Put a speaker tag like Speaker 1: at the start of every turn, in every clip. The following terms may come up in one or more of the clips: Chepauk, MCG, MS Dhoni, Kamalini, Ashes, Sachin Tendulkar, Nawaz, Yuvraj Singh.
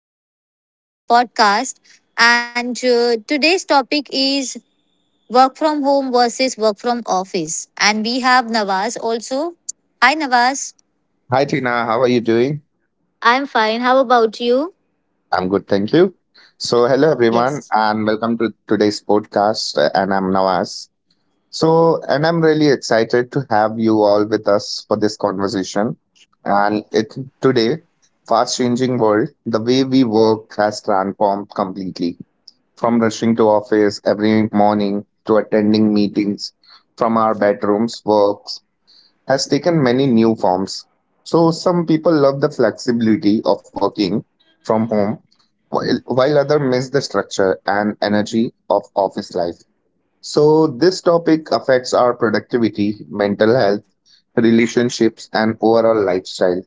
Speaker 1: and welcome to today's podcast. And today's topic is work from home versus work from office. And we have Nawaz also. Hi Nawaz.
Speaker 2: Hi Tina, how are you doing?
Speaker 1: I'm fine. How about you?
Speaker 2: I'm good, thank you. So, hello everyone,
Speaker 1: Yes.
Speaker 2: and welcome to today's podcast. And I'm Nawaz. So, and I'm really excited to have you all with us for this conversation. And it today, fast-changing world, the way we work has transformed completely. From rushing to office every morning to attending meetings from our bedrooms, work has taken many new forms. So some people love the flexibility of working from home, while others miss the structure and energy of office life. So this topic affects our productivity, mental health, relationships, and overall lifestyle.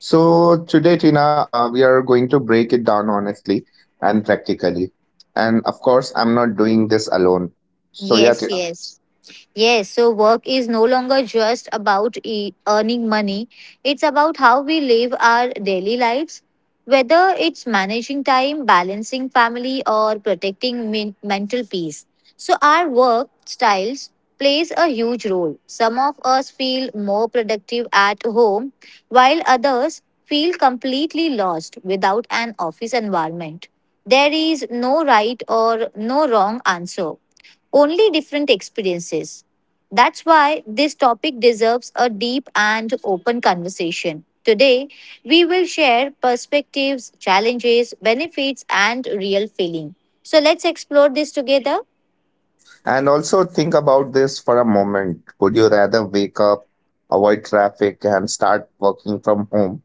Speaker 2: So today, Tina, we are going to break it down honestly and practically. And of course, I'm not doing this alone. So yeah,
Speaker 1: Yes, yes. Yes, so work is no longer just about earning money. It's about how we live our daily lives. Whether it's managing time, balancing family, or protecting mental peace. So, our work styles plays a huge role. Some of us feel more productive at home, while others feel completely lost without an office environment. There is no right or no wrong answer, only different experiences. That's why this topic deserves a deep and open conversation. Today, we will share perspectives, challenges, benefits, and real feeling. So let's explore this together.
Speaker 2: and also think about this for a moment. Would you rather wake up, avoid traffic, and start working from home,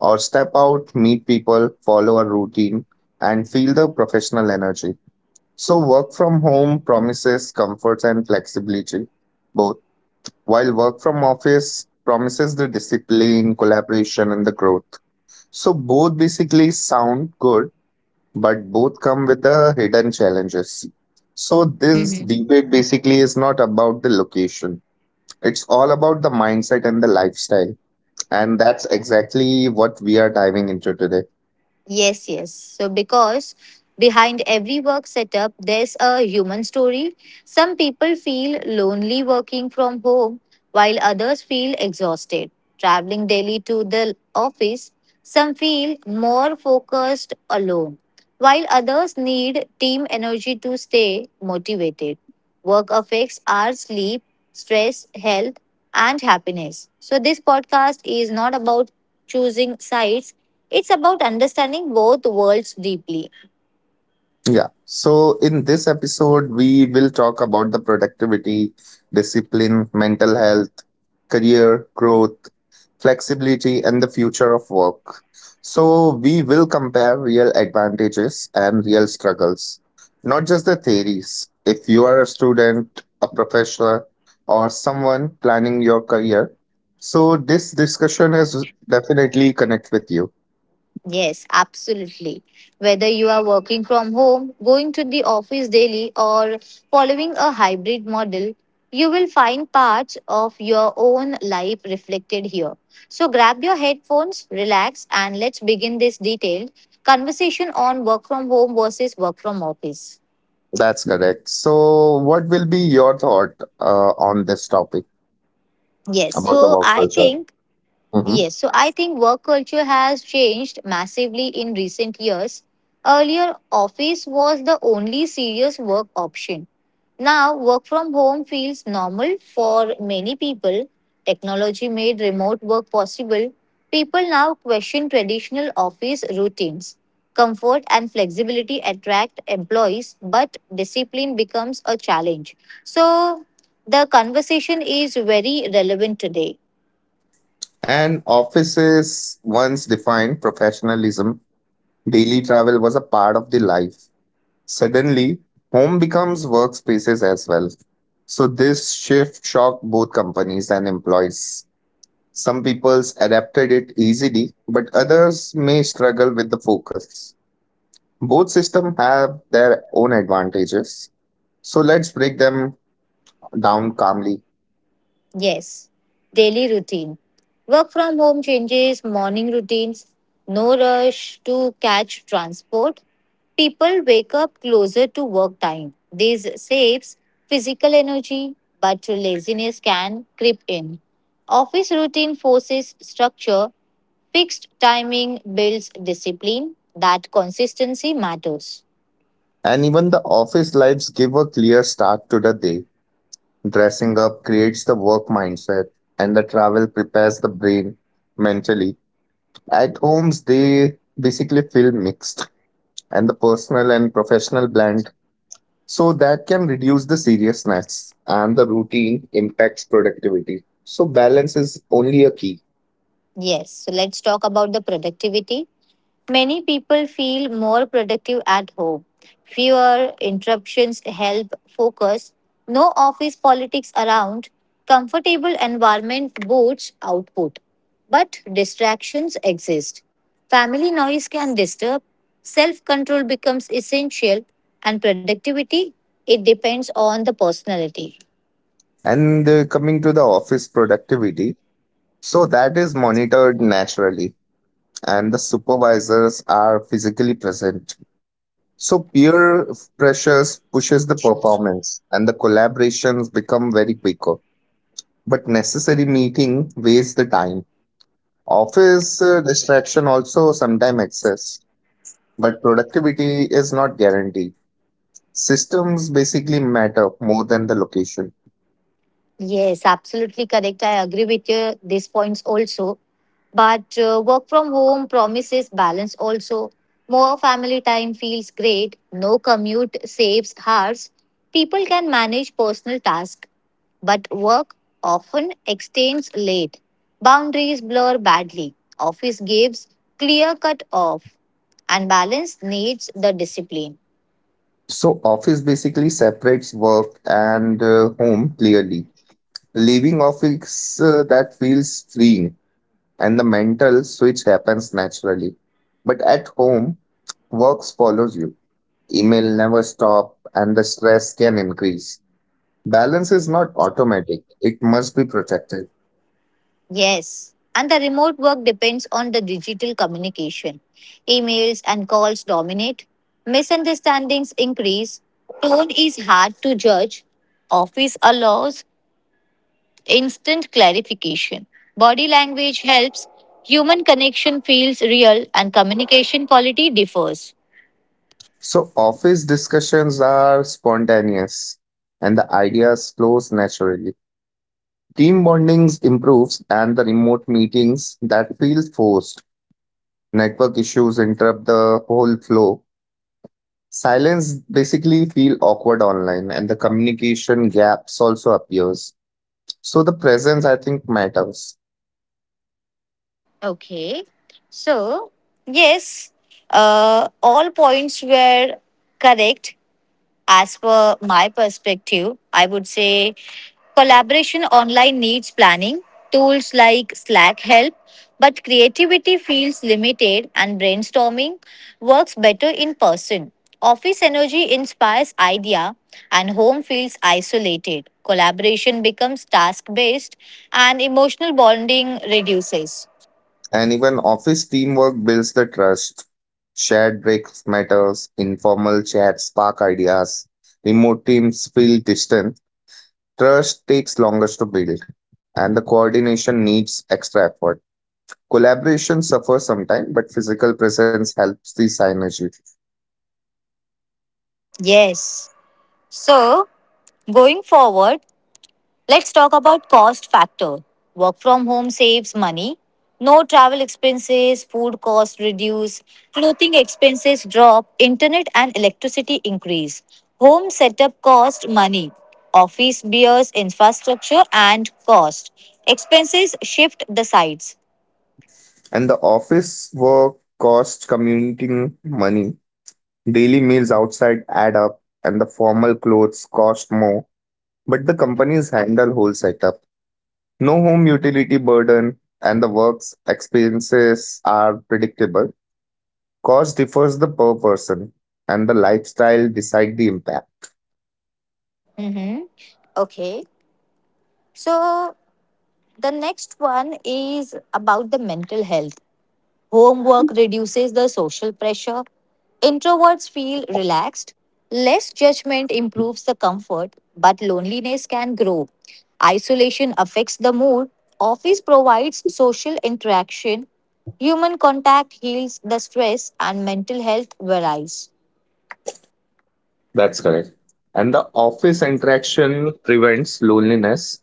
Speaker 2: or step out, meet people, follow a routine, and feel the professional energy? So, work from home promises comforts and flexibility, both, while work from office promises the discipline, collaboration, and the growth. So, both basically sound good, but both come with the hidden challenges. So this debate basically is not about the location. It's all about the mindset and the lifestyle. And that's exactly what we are diving into today.
Speaker 1: Yes, yes. So, because behind every work setup, there's a human story. Some people feel lonely working from home, while others feel exhausted traveling daily to the office. Some feel more focused alone, while others need team energy to stay motivated. Work affects our sleep, stress, health, and happiness. So, this podcast is not about choosing sides, it's about understanding both worlds deeply.
Speaker 2: Yeah. So in this episode, we will talk about the productivity, discipline, mental health, career growth, flexibility, and the future of work. So, we will compare real advantages and real struggles, not just the theories. If you are a student, a professor, or someone planning your career, so this discussion has definitely connect with you.
Speaker 1: Yes, absolutely. Whether you are working from home, going to the office daily, or following a hybrid model, you will find parts of your own life reflected here. So grab your headphones, relax, and let's begin this detailed conversation on work from home versus work from office.
Speaker 2: That's correct. So, what will be your thought on this topic
Speaker 1: Yes,
Speaker 2: about the
Speaker 1: so
Speaker 2: work
Speaker 1: I
Speaker 2: culture?
Speaker 1: think
Speaker 2: Mhm.
Speaker 1: Yes, so I think work culture has changed massively in recent years. Earlier, office was the only serious work option. Now, work from home feels normal for many people. Technology made remote work possible. People now question traditional office routines. Comfort and flexibility attract employees, but discipline becomes a challenge. So, the conversation is very relevant today.
Speaker 2: And offices once defined professionalism, daily travel was a part of the life. Suddenly, home becomes workspaces as well. So this shift shocked both companies and employees. Some people adapted it easily, but others may struggle with the focus. Both systems have their own advantages. So let's break them down calmly.
Speaker 1: Yes, daily routine. Work from home changes morning routines, no rush to catch transport. People wake up closer to work time. This saves physical energy, but laziness can creep in. Office routine forces structure, fixed timing builds discipline, that consistency matters.
Speaker 2: And even the office lives give a clear start to the day. Dressing up creates the work mindset and the travel prepares the brain mentally. At homes, they basically feel mixed and the personal and professional blend. So that can reduce the seriousness and the routine impacts productivity. So balance is only a key.
Speaker 1: Yes, so let's talk about the productivity. Many people feel more productive at home. Fewer interruptions help focus. No office politics around. Comfortable environment boosts output. But distractions exist. Family noise can disturb. Self control becomes essential. And productivity, it depends on the personality.
Speaker 2: And Coming to the office productivity, so that is monitored naturally and the supervisors are physically present. So peer pressures pushes the performance and the collaborations become very quicker. But necessary meeting wastes the time. Office distraction also sometimes exists, but productivity is not guaranteed. Systems basically matter more than the location.
Speaker 1: Yes, absolutely correct. I agree with your these points also. But work from home promises balance also. More family time feels great, no commute saves hours. People can manage personal tasks, but work often extends late. Boundaries blur badly. Office gives clear cut off, and balance needs the discipline.
Speaker 2: So office basically separates work and home clearly. Leaving office that feels freeing and the mental switch happens naturally. But at home, works follows you. Email never stop and the stress can increase. Balance is not automatic. It must be protected.
Speaker 1: Yes, and the remote work depends on the digital communication. Emails and calls dominate, misunderstandings increase, tone is hard to judge, office allows instant clarification. Body language helps, human connection feels real, and communication quality differs.
Speaker 2: So, office discussions are spontaneous and the ideas flows naturally. Team bondings improves and the remote meetings that feel forced. Network issues interrupt the whole flow. Silence basically feel awkward online and the communication gaps also appears. So the presence I think matters.
Speaker 1: Okay, so yes, all points were correct. As per my perspective, I would say collaboration online needs planning. Tools like Slack help, but creativity feels limited and brainstorming works better in person. Office energy inspires idea and home feels isolated. Collaboration becomes task based and emotional bonding reduces.
Speaker 2: And even office teamwork builds the trust. Shared breaks matters, informal chats spark ideas. Remote teams feel distant. Trust takes longest to build, and the coordination needs extra effort. Collaboration suffers sometimes, but physical presence helps the synergy.
Speaker 1: Yes. So, going forward, let's talk about cost factor. Work from home saves money. No travel expenses, food costs reduce, clothing expenses drop, internet and electricity increase. Home setup cost money. Office bears infrastructure and cost. Expenses shift the sides.
Speaker 2: And the office work costs commuting money. Daily meals outside add up, and the formal clothes cost more. But the companies handle whole setup. No home utility burden, and the work's expenses are predictable. Cost differs the per person, and the lifestyle decide the impact.
Speaker 1: Hmm, Okay. So the next one is about the mental health. Homework reduces the social pressure. Introverts feel relaxed. Less judgment improves the comfort, but loneliness can grow. Isolation affects the mood. Office provides social interaction. Human contact heals the stress and mental health varies.
Speaker 2: That's correct. And the office interaction prevents loneliness.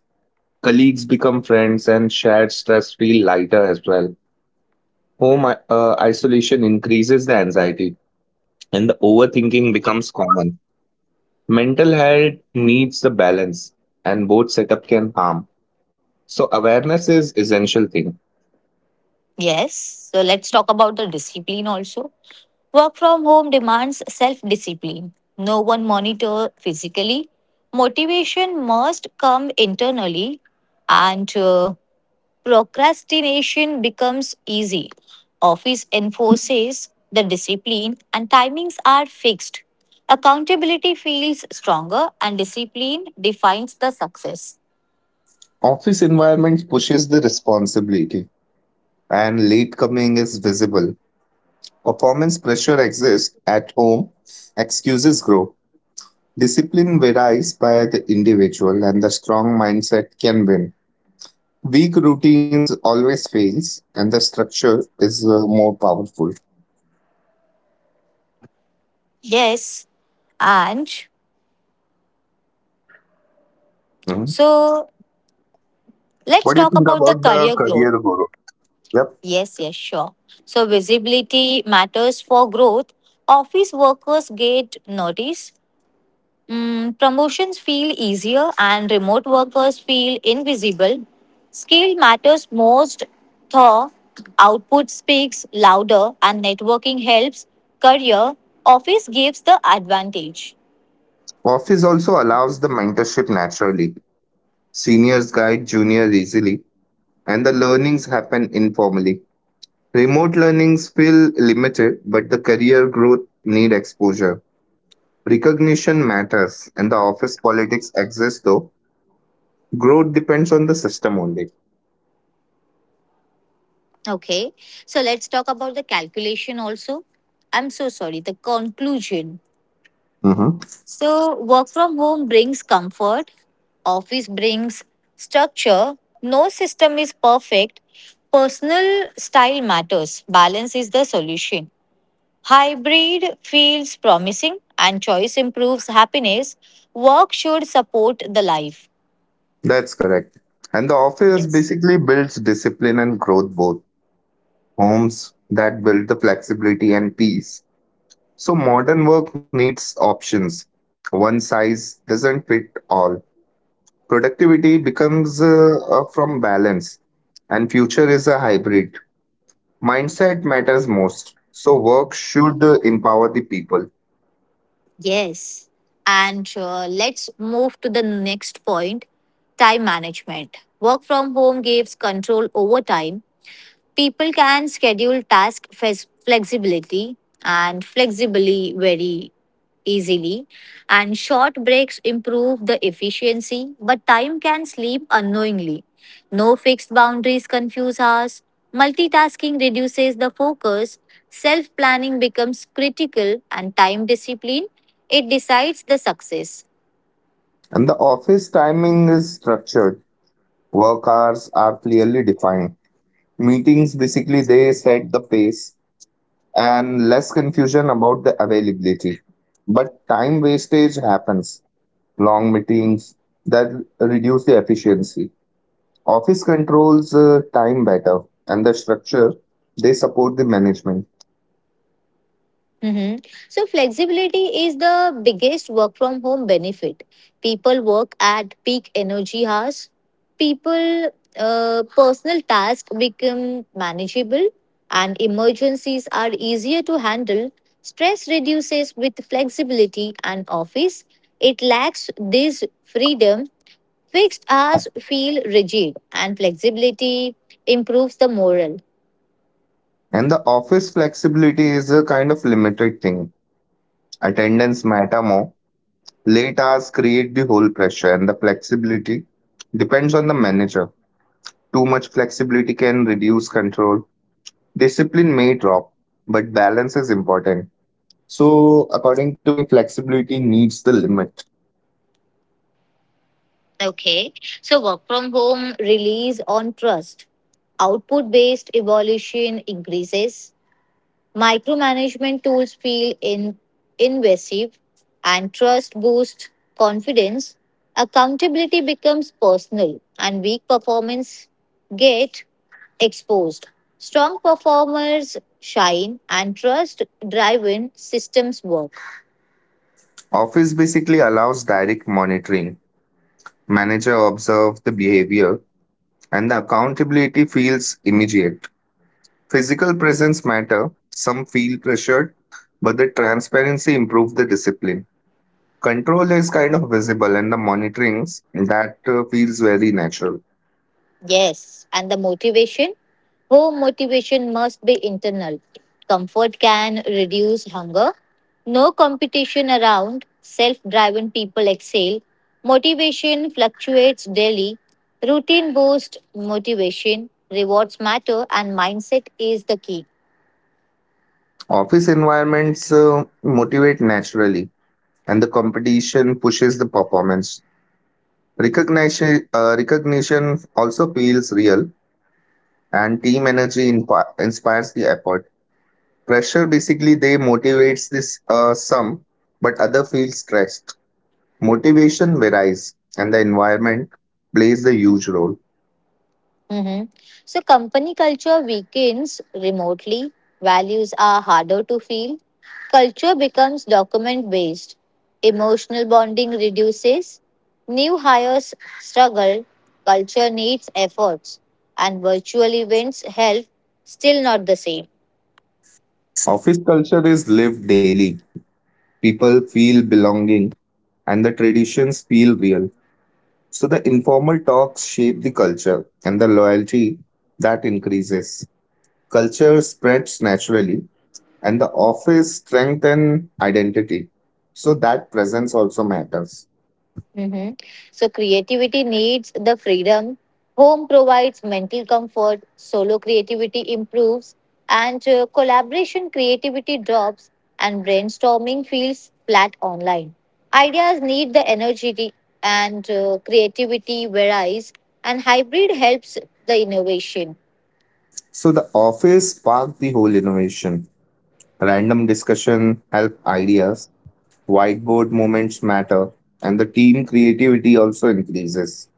Speaker 2: Colleagues become friends and shared stress feel lighter as well. Home isolation increases the anxiety and the overthinking becomes common. Mental health needs the balance and both setup can harm. So awareness is essential thing.
Speaker 1: Yes, so let's talk about the discipline also. Work from home demands self discipline. No one monitor physically. Motivation must come internally, and procrastination becomes easy. Office enforces the discipline, and timings are fixed. Accountability feels stronger, and discipline defines the success.
Speaker 2: Office environment pushes the responsibility and late coming is visible. Performance pressure exists at home. Excuses grow. Discipline varies by the individual and the strong mindset can win. Weak routines always fails and the structure is more powerful.
Speaker 1: Yes, and
Speaker 2: Mhm.
Speaker 1: so let's
Speaker 2: What do you
Speaker 1: talk
Speaker 2: think
Speaker 1: about the
Speaker 2: about the
Speaker 1: career growth.
Speaker 2: career guru? Yep.
Speaker 1: Yes, yes, sure. So visibility matters for growth. Office workers get notice. Promotions feel easier and remote workers feel invisible. Skill matters most though output speaks louder and networking helps career. Office gives the advantage.
Speaker 2: Office also allows the mentorship naturally. Seniors guide juniors easily, and the learnings happen informally. Remote learnings feel limited, but the career growth need exposure. Recognition matters, and the office politics exists though. Growth depends on the system only.
Speaker 1: Okay. So let's talk about the calculation also. I'm so sorry, the conclusion.
Speaker 2: Mm-hmm.
Speaker 1: So, work from home brings comfort, office brings structure, no system is perfect, personal style matters, balance is the solution. Hybrid feels promising and choice improves happiness. Work should support the life.
Speaker 2: That's correct. And the office
Speaker 1: Yes.
Speaker 2: basically builds discipline and growth both. Homes that build the flexibility and peace. So modern work needs options. One size doesn't fit all. Productivity becomes from balance and future is a hybrid. Mindset matters most. So work should empower the people.
Speaker 1: Yes. And Let's move to the next point, time management. Work from home gives control over time. People can schedule task flexibility and flexibly very easily, and short breaks improve the efficiency, but time can sleep unknowingly, no fixed boundaries confuse us, multitasking reduces the focus, self planning becomes critical, and time discipline, it decides the success.
Speaker 2: And the office timing is structured. Work hours are clearly defined. Meetings basically they set the pace and less confusion about the availability. But time wastage happens. Long meetings that reduce the efficiency. Office controls time better and the structure they support the management.
Speaker 1: hmm So, flexibility is the biggest work from home benefit. People work at peak energy hours. People, Personal tasks become manageable and emergencies are easier to handle. Stress reduces with flexibility and office. It lacks this freedom. Fixed hours feel rigid and flexibility improves the morale.
Speaker 2: And the office flexibility is a kind of limited thing. Attendance matter more. Late hours create the whole pressure and the flexibility depends on the manager. Too much flexibility can reduce control. Discipline may drop, but balance is important. So, according to me, flexibility needs the limit.
Speaker 1: Okay. So work from home relies on trust. Output based evolution increases. Micromanagement tools feel in invasive, and trust boosts confidence. Accountability becomes personal and weak performance get exposed. Strong performers shine and trust driven systems work.
Speaker 2: Office basically allows direct monitoring. Manager observe the behavior and the accountability feels immediate. Physical presence matter. Some feel pressured, but the transparency improve the discipline. Control is kind of visible and the monitorings that feels very natural.
Speaker 1: Yes. And the motivation? Home motivation must be internal. Comfort can reduce hunger. No competition around. Self driven people excel. Motivation fluctuates daily. Routine boosts motivation. Rewards matter, and mindset is the key.
Speaker 2: Office environments motivate naturally and the competition pushes the performance. Recognition also feels real, and team energy inspires the effort. Pressure basically they motivates this some, but other feel stressed. Motivation varies, and the environment plays the huge role.
Speaker 1: hmm So, company culture weakens remotely, values are harder to feel, culture becomes document based, emotional bonding reduces, new hires struggle, culture needs efforts, and virtual events help, still not the same.
Speaker 2: Office culture is lived daily. People feel belonging, and the traditions feel real. So the informal talks shape the culture, and the loyalty that increases. Culture spreads naturally and the office strengthens identity, so that presence also matters.
Speaker 1: hmm So creativity needs the freedom. Home provides mental comfort. Solo creativity improves, and collaboration creativity drops, and brainstorming feels flat online. Ideas need the energy and creativity varies, and hybrid helps the innovation.
Speaker 2: So the office sparked the whole innovation. Random discussion help ideas. Whiteboard moments matter and the team creativity also increases.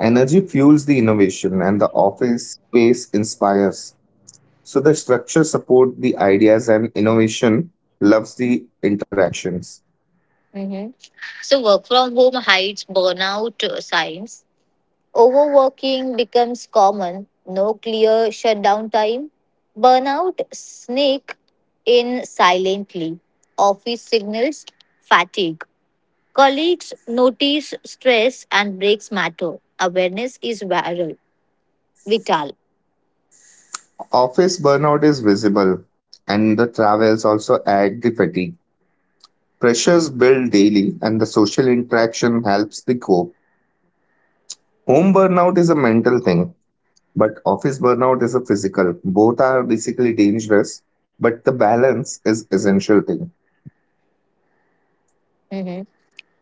Speaker 2: Energy fuels the innovation and the office space inspires. So the structure support the ideas and innovation loves the interactions.
Speaker 1: hmm So work from home hides burnout signs. Overworking becomes common, no clear shutdown time. Burnout sneak in silently. Office signals fatigue. Colleagues notice stress and breaks matter. Awareness is viral, vital.
Speaker 2: Office burnout is visible, and the travels also add the fatigue. Pressures build daily, and the social interaction helps the cope. Home burnout is a mental thing, but office burnout is a physical. Both are basically dangerous, but the balance is essential thing.
Speaker 1: Mhm.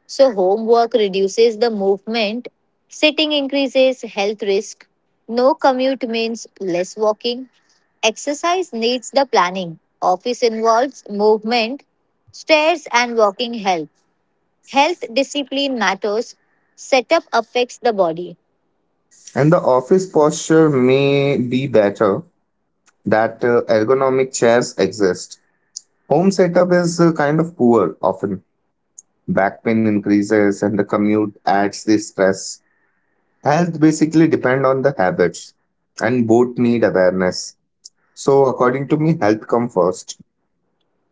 Speaker 1: So homework reduces the movement. Sitting increases health risk. No commute means less walking. Exercise needs the planning. Office involves movement, stairs, and walking help. Health discipline matters. Setup affects the body.
Speaker 2: And the office posture may be better, that ergonomic chairs exist. Home setup is kind of poor often. Back pain increases, and the commute adds the stress. Health basically depend on the habits and both need awareness. So according to me, health come first.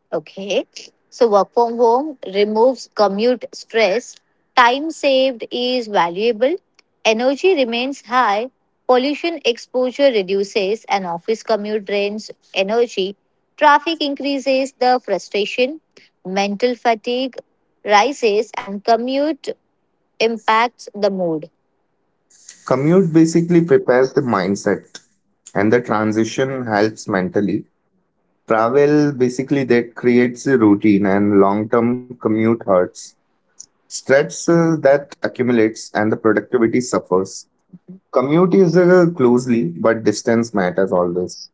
Speaker 1: Okay. So, work from home removes commute stress. Time saved is valuable. Energy remains high. Pollution exposure reduces, and office commute drains energy. Traffic increases the frustration. Mental fatigue rises and commute impacts the mood.
Speaker 2: Commute basically prepares the mindset and the transition helps mentally. Travel basically that creates a routine and long-term commute hurts. Stress that accumulates and the productivity suffers. Commute is closely, but distance matters always.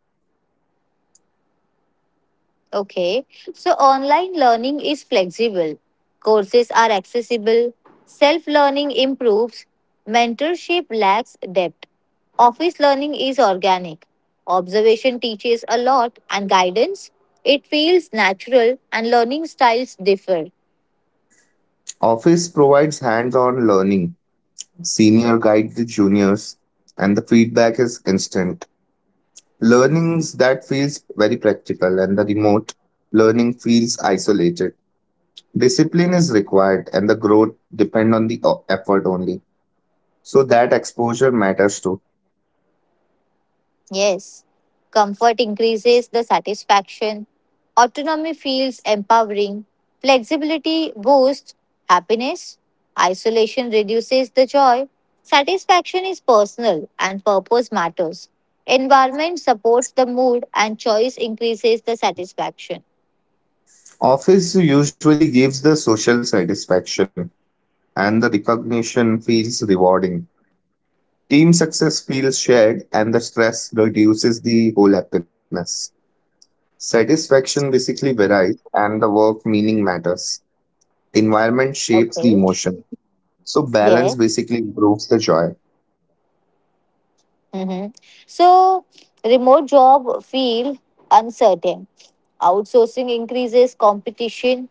Speaker 1: Okay, so online learning is flexible, courses are accessible, self learning improves, mentorship lacks depth. Office learning is organic. Observation teaches a lot and guidance. It feels natural and learning styles differ.
Speaker 2: Office provides hands-on learning. Senior guide the juniors, and the feedback is instant. Learnings that feels very practical, and the remote learning feels isolated. Discipline is required, and the growth depend on the effort only. So that exposure matters too.
Speaker 1: Yes, comfort increases the satisfaction. Autonomy feels empowering. Flexibility boosts happiness. Isolation reduces the joy. Satisfaction is personal and purpose matters. Environment supports the mood and choice increases the satisfaction.
Speaker 2: Office usually gives the social satisfaction, and the recognition feels rewarding. Team success feels shared, and the stress reduces the whole happiness. Satisfaction basically varies, and the work meaning matters. Environment shapes the
Speaker 1: Okay.
Speaker 2: emotion. So balance
Speaker 1: Yes.
Speaker 2: basically improves the joy.
Speaker 1: Mm-hmm. So, remote job feel uncertain. Outsourcing increases competition,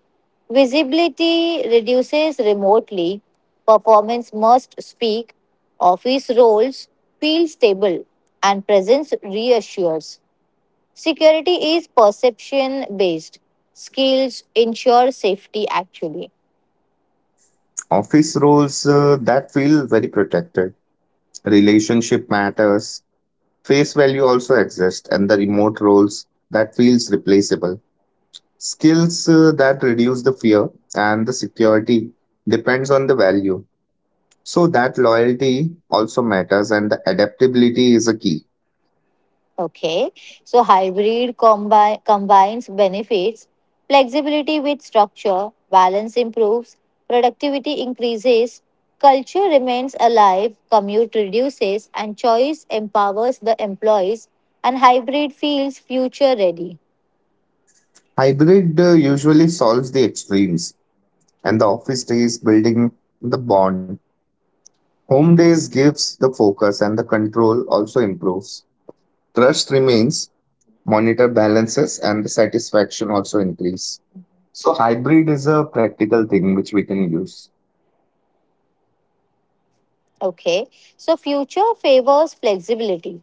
Speaker 1: visibility reduces remotely, performance must speak, office roles feel stable, and presence reassures. Security is perception based. Skills ensure safety actually.
Speaker 2: Office roles that feel very protected. Relationship matters. Face value also exists, and the remote roles that feels replaceable. Skills that reduce the fear and the security depends on the value. So that loyalty also matters, and the adaptability is a key.
Speaker 1: Okay, so hybrid combines benefits, flexibility with structure, balance improves, productivity increases, culture remains alive, commute reduces, and choice empowers the employees, and hybrid feels future ready.
Speaker 2: Hybrid usually solves the extremes, and the office days building the bond. Home days gives the focus and the control also improves. Trust remains, monitor balances, and the satisfaction also increase. So hybrid is a practical thing which we can use.
Speaker 1: Okay, so future favors flexibility,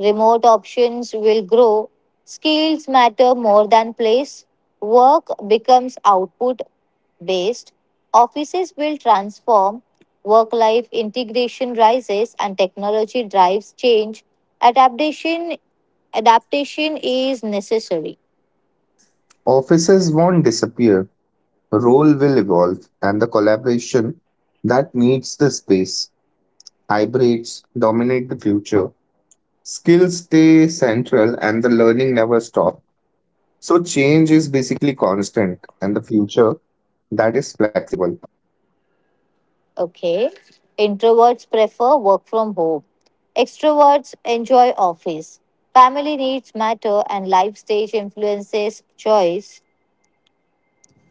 Speaker 1: remote options will grow. Skills matter more than place. Work becomes output based. Offices will transform. Work life integration rises and technology drives change. Adaptation Adaptation is necessary.
Speaker 2: Offices won't disappear, role will evolve, and the collaboration that needs the space. Hybrids dominate the future. Skills stay central and the learning never stop. So change is basically constant and the future that is flexible.
Speaker 1: Okay. Introverts prefer work from home. Extroverts enjoy office. Family needs matter and life stage influences choice,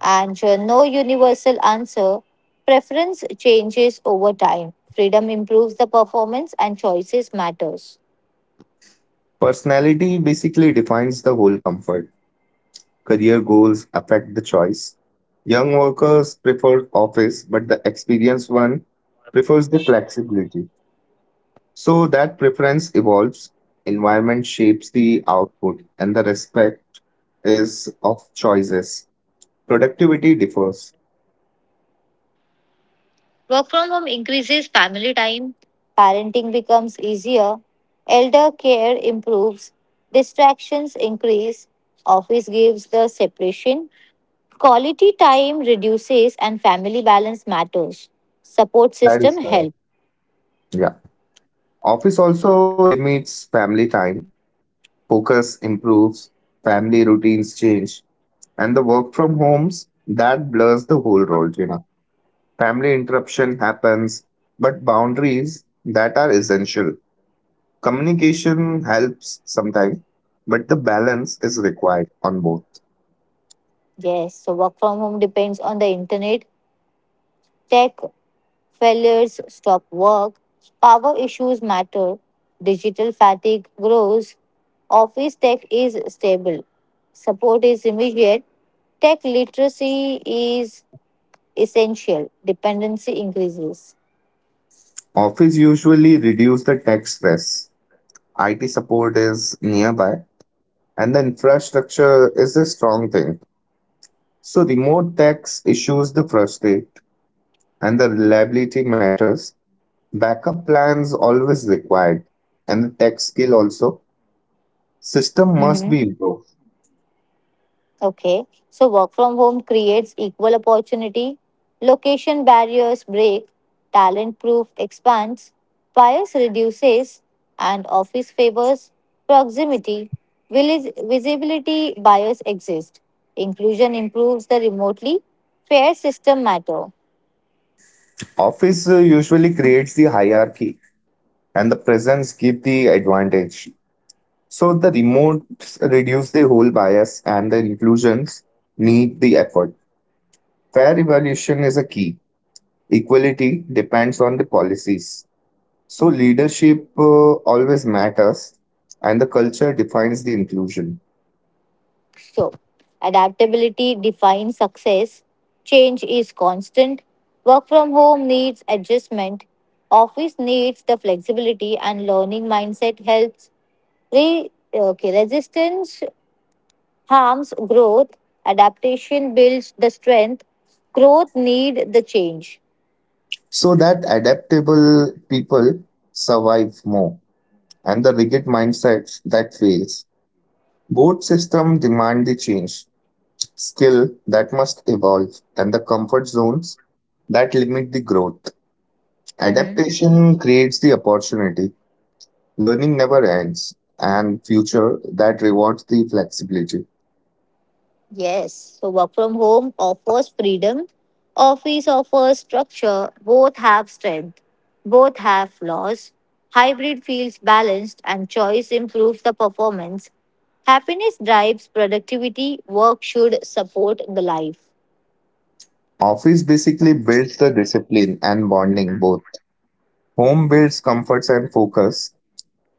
Speaker 1: and no universal answer. Preference changes over time. Freedom improves the performance and choices matters.
Speaker 2: Personality basically defines the whole comfort. Career goals affect the choice. Young workers prefer office, but the experienced one prefers the flexibility. So that preference evolves, environment shapes the output, and the respect is of choices. Productivity differs.
Speaker 1: Work from home increases family time. Parenting becomes easier. Elder care improves. Distractions increase. Office gives the separation. Quality time reduces and family balance matters. Support
Speaker 2: That
Speaker 1: system
Speaker 2: is correct.
Speaker 1: help.
Speaker 2: Yeah. Office also limits family time, focus improves, family routines change, and the work from homes that blurs the whole role gina. Family interruption happens, but boundaries that are essential. Communication helps sometimes, but the balance is required on both.
Speaker 1: Yes, so work from home depends on the internet, tech, failures stop work, power issues matter, digital fatigue grows, office tech is stable, support is immediate, tech literacy is essential, dependency increases.
Speaker 2: Office usually reduce the tech stress. It support is nearby and the infrastructure is a strong thing. So remote tech issues the frustrate and the reliability matters. Backup plans always required and the tech skill also. System must be improved.
Speaker 1: Okay, so work from home creates equal opportunity, location barriers break, talent proof expands, bias reduces, and office favors proximity. Visibility bias exists. Inclusion improves the remotely fair system matter.
Speaker 2: Office usually creates the hierarchy and the presence give the advantage. So the remote reduce the whole bias and the inclusions need the effort. Fair evaluation is a key. Equality depends on the policies. So leadership always matters and the culture defines the inclusion.
Speaker 1: So, adaptability defines success. Change is constant. Work from home needs adjustment. Office needs the flexibility, and learning mindset helps. Okay, resistance harms growth. Adaptation builds the strength. Growth need the change.
Speaker 2: So that adaptable people survive more and the rigid mindsets that fails. Both systems demand the change, skill that must evolve, and the comfort zones that limit the growth.
Speaker 1: Mhm.
Speaker 2: Adaptation creates the opportunity, learning never ends, and future that rewards the flexibility.
Speaker 1: Yes, so work from home offers freedom, office offers structure, both have strength, both have flaws. Hybrid feels balanced and choice improves the performance. Happiness drives productivity, work should support the life.
Speaker 2: Office basically builds the discipline and bonding both. Home builds comforts and focus.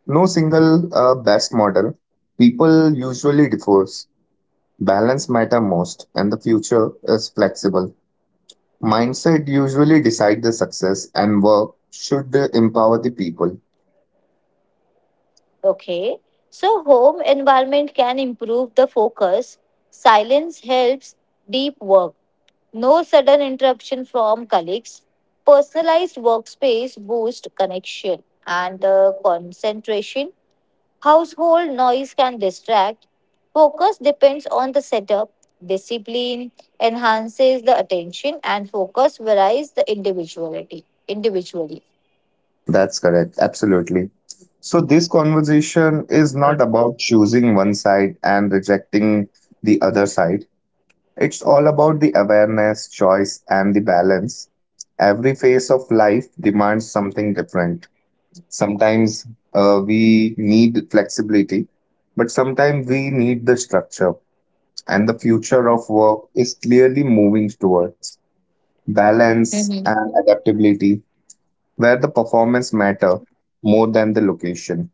Speaker 2: No single best model. People usually divorce. Balance matter most, and the future is flexible. Mindset usually decide the success and work should empower the people.
Speaker 1: Okay, so home environment can improve the focus, silence helps deep work. No sudden interruption from colleagues. Personalized workspace boost connection and concentration. Household noise can distract. Focus depends on the setup. Discipline enhances the attention and focus varies the individuality individually.
Speaker 2: That's correct. Absolutely. So this conversation is not about choosing one side and rejecting the other side. It's all about the awareness, choice, and the balance. Every phase of life demands something different. Sometimes we need flexibility, but sometimes we need the structure, and the future of work is clearly moving towards balance, and adaptability, where the performance matter more than the location.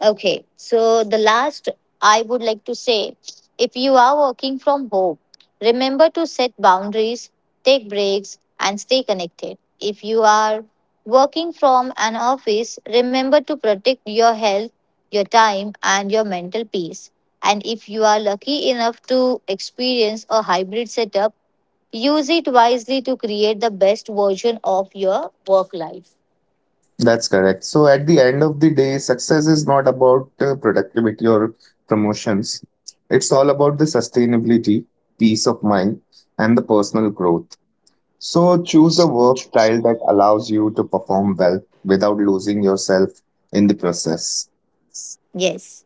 Speaker 1: Okay, so the last I would like to say, if you are working from home, remember to set boundaries, take breaks, and stay connected. If you are working from an office, remember to protect your health, your time, and your mental peace. And if you are lucky enough to experience a hybrid setup, use it wisely to create the best version of your work life.
Speaker 2: That's correct. So at the end of the day, success is not about productivity or promotions. It's all about the sustainability, peace of mind, and the personal growth. So choose a work style that allows you to perform well without losing yourself in the process.
Speaker 1: Yes.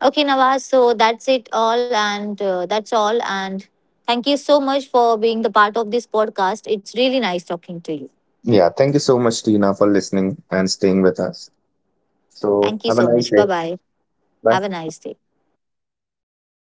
Speaker 1: Okay, Nawaz. So that's it all, and that's all. And thank you so much for being the part of this podcast. It's really nice talking to you.
Speaker 2: Yeah, thank you so much, Tina, for listening and staying with us. So
Speaker 1: Thank you
Speaker 2: have a
Speaker 1: so
Speaker 2: nice
Speaker 1: much.
Speaker 2: day.
Speaker 1: Bye bye. Have a
Speaker 2: Bye.
Speaker 1: nice day.